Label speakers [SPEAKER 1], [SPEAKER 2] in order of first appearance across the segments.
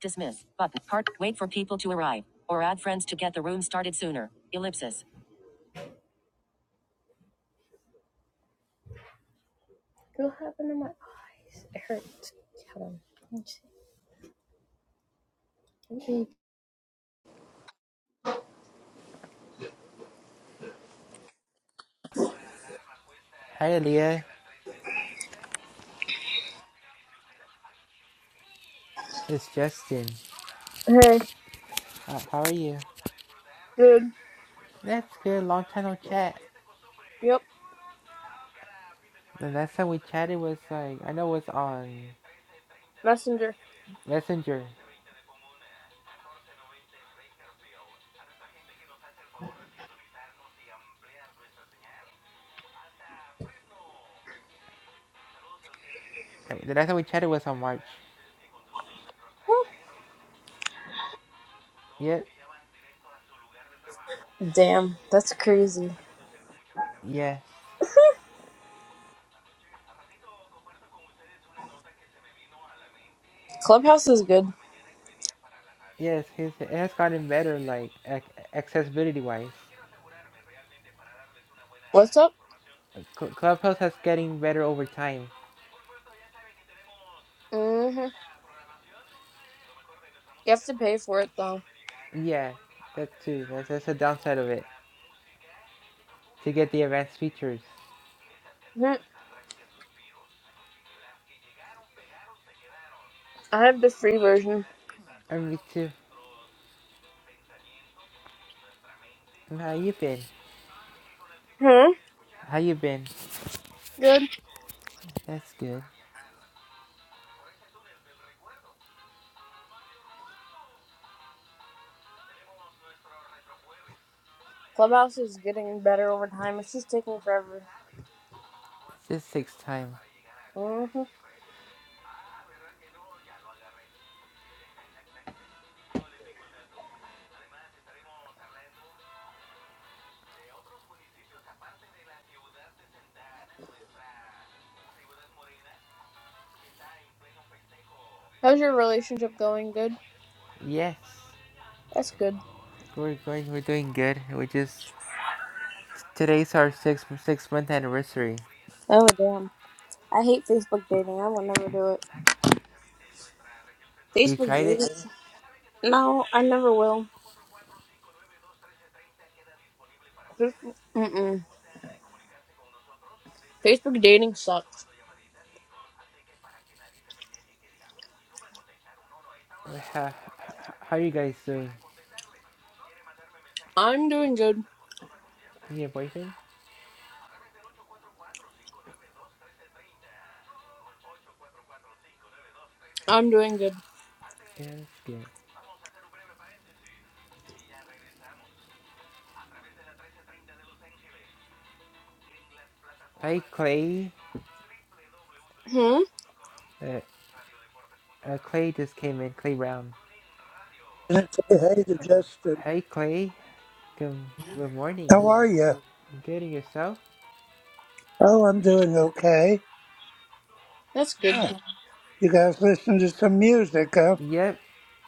[SPEAKER 1] Dismiss button. Part. Wait for people to arrive or add friends to get the room started sooner. Ellipsis. What happened to my eyes? It hurts. Hold on.
[SPEAKER 2] Hi Leah, it's Justin.
[SPEAKER 1] Hey,
[SPEAKER 2] How, how are you?
[SPEAKER 1] dude.
[SPEAKER 2] That's good. Long time no chat.
[SPEAKER 1] Yep.
[SPEAKER 2] The last time we chatted was like I know it was on
[SPEAKER 1] Messenger.
[SPEAKER 2] Messenger. I the last time we chatted was on March. Yep.
[SPEAKER 1] Damn, that's crazy.
[SPEAKER 2] Yes.
[SPEAKER 1] Clubhouse is good.
[SPEAKER 2] Yes. His it has gotten better, like ac- accessibility wise.
[SPEAKER 1] What's up?
[SPEAKER 2] Cl- Clubhouse has getting better over time.
[SPEAKER 1] Mm-hmm. You have to pay for it though.
[SPEAKER 2] Yeah, that too. That's, that's the downside of it. To get the advanced features.
[SPEAKER 1] hmm I have the free version.
[SPEAKER 2] And me too. And How you been?
[SPEAKER 1] Hmm.
[SPEAKER 2] How you been?
[SPEAKER 1] Good.
[SPEAKER 2] That's good.
[SPEAKER 1] Clubhouse is getting better over time. It's just taking forever.
[SPEAKER 2] This takes time.
[SPEAKER 1] Mm-hmm. How's your relationship going? Good.
[SPEAKER 2] Yes.
[SPEAKER 1] That's good.
[SPEAKER 2] We're going. We're doing good. We just today's our six six month anniversary.
[SPEAKER 1] Oh damn. I hate Facebook dating. I will never do it.
[SPEAKER 2] You
[SPEAKER 1] Facebook
[SPEAKER 2] tried it.
[SPEAKER 1] dating? No, I never will. Facebook, mm-mm. Facebook dating sucks.
[SPEAKER 2] How, how are you guys doing?
[SPEAKER 1] I'm doing good.
[SPEAKER 2] You and your boyfriend?
[SPEAKER 1] I'm doing good.
[SPEAKER 2] Yeah, that's good. Hi Clay.
[SPEAKER 1] Hmm?
[SPEAKER 2] Uh, uh, Clay just came in. Clay Brown.
[SPEAKER 3] And I say, hey to Justin,
[SPEAKER 2] Hi Clay. Good, good morning.
[SPEAKER 3] how are you?
[SPEAKER 2] Good and yourself?
[SPEAKER 3] Oh, I'm doing okay.
[SPEAKER 1] That's good.
[SPEAKER 3] Yeah. You guys listen to some music, huh?
[SPEAKER 2] Yep.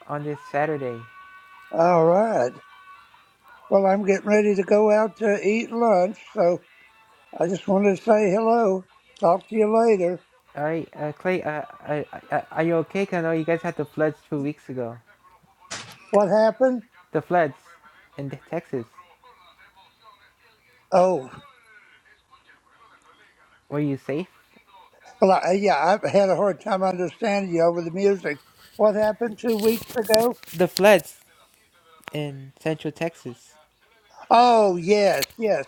[SPEAKER 2] On this Saturday.
[SPEAKER 3] All right. Well, I'm getting ready to go out to eat lunch, so I just wanted to say hello. Talk to you later.
[SPEAKER 2] All right, uh, Clay. Uh, uh, uh, are you okay? 'Cause I know you guys had the floods two weeks ago.
[SPEAKER 3] What happened?
[SPEAKER 2] The floods in Texas.
[SPEAKER 3] Oh,
[SPEAKER 2] Were you safe?
[SPEAKER 3] well, I, yeah, I had a hard time understanding you over the music. What happened two weeks ago?
[SPEAKER 2] The floods. in Central Texas
[SPEAKER 3] Oh, yes, yes,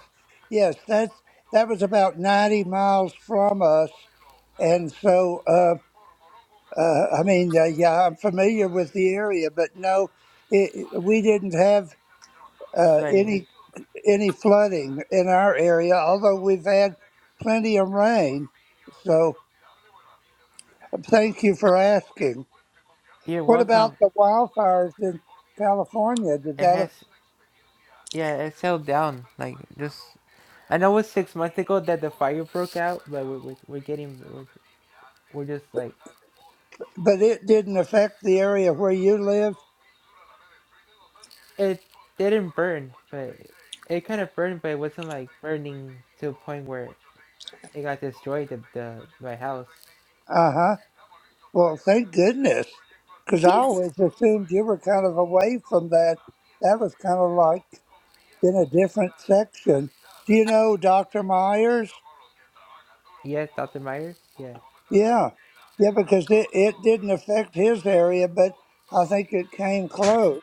[SPEAKER 3] yes. That's that was about 90 miles from us, and so. Um, Uh, I mean, uh, yeah, I'm familiar with the area, but no, it, we didn't have uh,
[SPEAKER 2] flooding.
[SPEAKER 3] any any flooding in our area, although we've had plenty of rain. So uh, thank you for asking.
[SPEAKER 2] You're
[SPEAKER 3] What about
[SPEAKER 2] welcome.
[SPEAKER 3] the wildfires in California? Did
[SPEAKER 2] It
[SPEAKER 3] that?
[SPEAKER 2] has
[SPEAKER 3] Affect,
[SPEAKER 2] yeah, it held down like just. I know it's six months ago that the fire broke out, but we're we're, we're getting we're, we're just like
[SPEAKER 3] but it didn't affect the area where you live.
[SPEAKER 2] it didn't burn, but it kind of burned, but it wasn't like burning to a point where it got destroyed. The, the my house.
[SPEAKER 3] Uh huh. Well, thank goodness, because I always assumed you were kind of away from that. That was kind of like in a different section. Do you know Dr. Myers?
[SPEAKER 2] Yeah, Doctor Myers. Yeah,
[SPEAKER 3] Yeah, yeah, because it, it didn't affect his area, but I think it came close.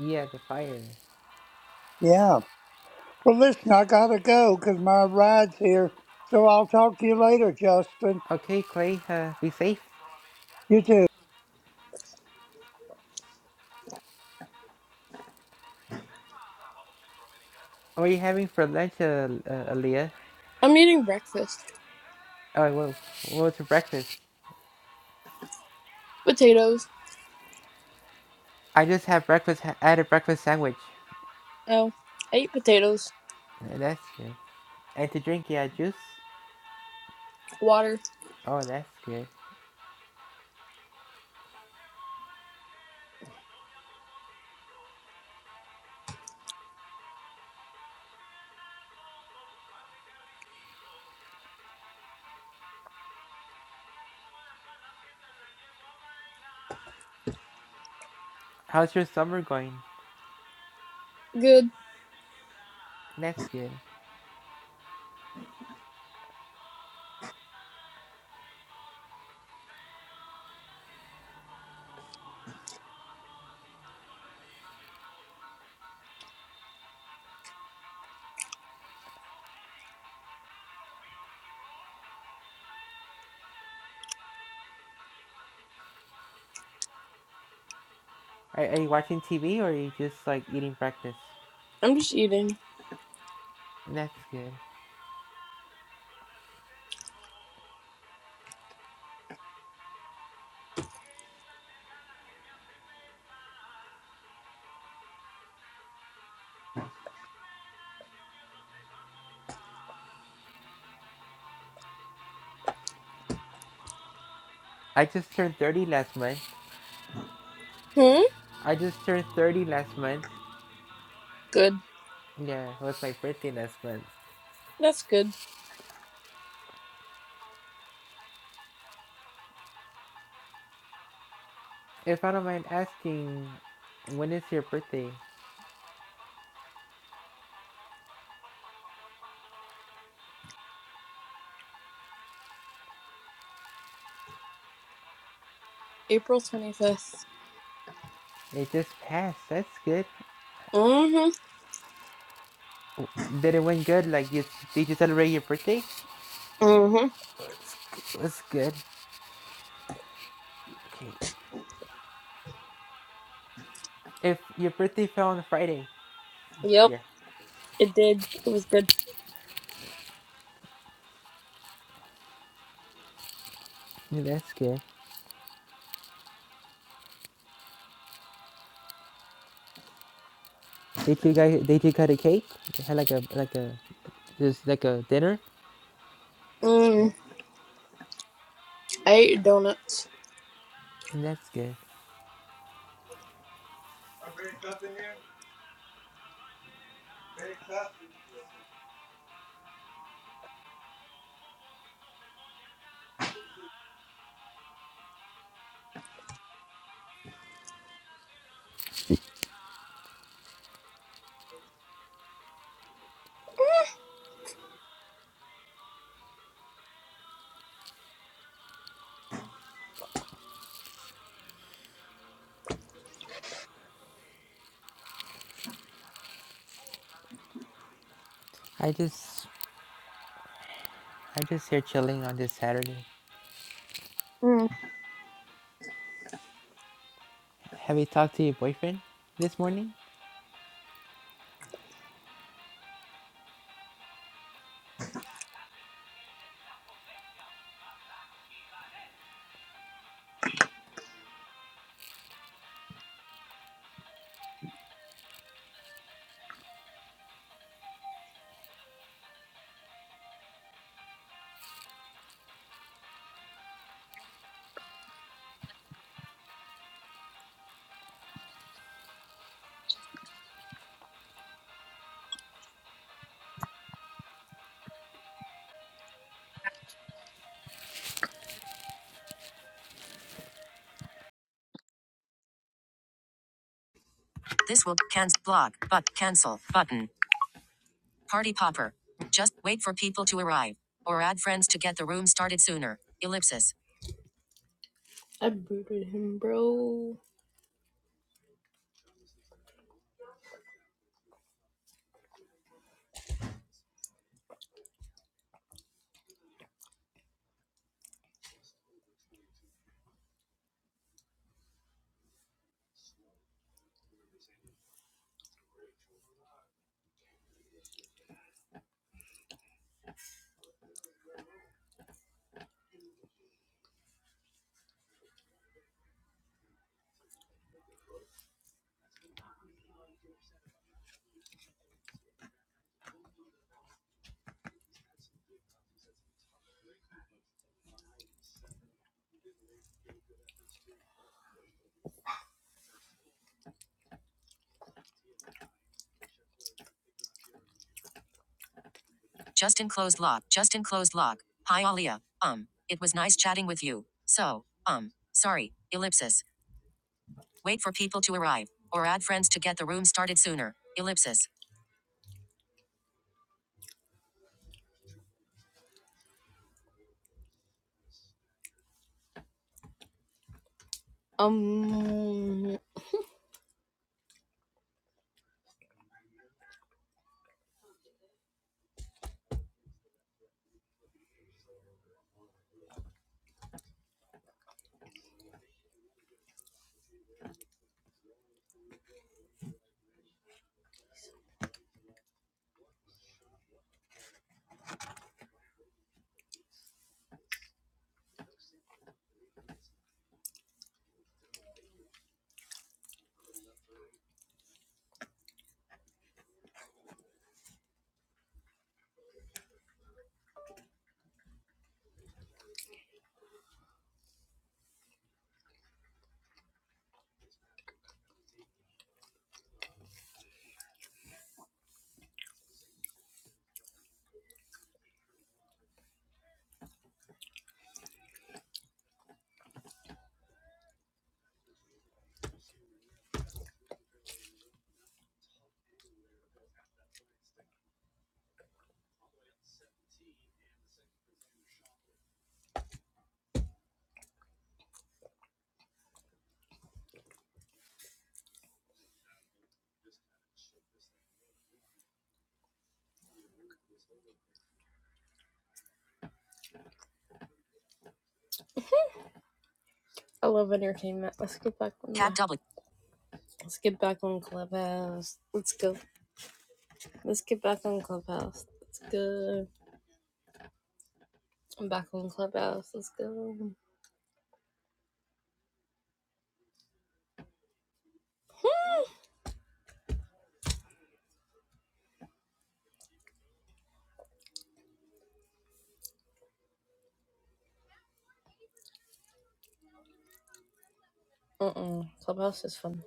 [SPEAKER 2] yeah, the fire.
[SPEAKER 3] Yeah. Well, listen, I gotta go because my ride's here. So I'll talk to you later, Justin.
[SPEAKER 2] Okay, Clay. Uh, be safe.
[SPEAKER 3] You too.
[SPEAKER 2] What are you having for lunch, uh, uh, Aaliyah?
[SPEAKER 1] I'm eating breakfast.
[SPEAKER 2] Oh, well, what was for breakfast?
[SPEAKER 1] Potatoes.
[SPEAKER 2] I just had breakfast. had a breakfast sandwich.
[SPEAKER 1] Oh, I eat potatoes.
[SPEAKER 2] Yeah, That's good. And to drink, yeah, juice.
[SPEAKER 1] Water.
[SPEAKER 2] Oh, that's good. How's your summer going?
[SPEAKER 1] Good.
[SPEAKER 2] That's good. Are, are you watching TV or are you just like eating breakfast?
[SPEAKER 1] I'm just eating.
[SPEAKER 2] That's good. I just turned 30 last month.
[SPEAKER 1] Hmm?
[SPEAKER 2] I just turned 30 last month.
[SPEAKER 1] Good.
[SPEAKER 2] Yeah, it was my birthday last month.
[SPEAKER 1] That's good.
[SPEAKER 2] If I don't mind asking, when is your birthday?
[SPEAKER 1] April 25th.
[SPEAKER 2] It just passed. That's good.
[SPEAKER 1] Mm-hmm.
[SPEAKER 2] Did it went good? Like, you, did you celebrate your birthday?
[SPEAKER 1] Mm-hmm.
[SPEAKER 2] It's, it's good. Okay. If your birthday fell on Friday this
[SPEAKER 1] Yep.
[SPEAKER 2] year.
[SPEAKER 1] It did. It was good.
[SPEAKER 2] Yeah, that's good. They two guys, they two cut a cake. They had like a like a just like a dinner,
[SPEAKER 1] Mm. I ate donuts.
[SPEAKER 2] and that's good. I just I just here chilling on this Saturday.
[SPEAKER 1] Mm.
[SPEAKER 2] Have you talked to your boyfriend this morning?
[SPEAKER 1] This will cancel block but cancel button. Party popper. Just wait for people to arrive. Or add friends to get the room started sooner. Ellipsis. I booted him, bro. Just enclosed lock. Just enclosed lock. Hi, Alia. Um, it was nice chatting with you. So, um, sorry. Ellipsis. Wait for people to arrive. Or add friends to get the room started sooner. Ellipsis. Um, I love entertainment. Let's get back on. Tab the- double. Let's get back on Clubhouse. Let's go. Let's get back on Clubhouse. Let's go. I'm back on Clubhouse. Let's go. Mm-mm. Clubhouse is fun.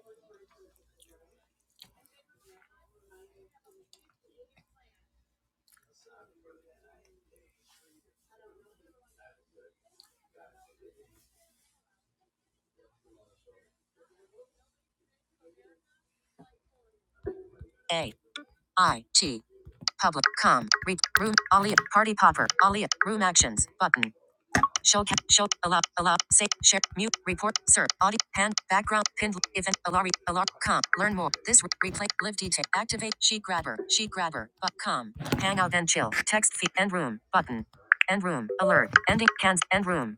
[SPEAKER 1] A I T public com read room Alia party popper Alia room actions button show ca- show allow allow say share mute report sir audio hand background pinned event alari alarm com learn more this re- replay live detail activate sheet grabber sheet grabber but com hangout and chill text feed end room button end room alert ending cans end room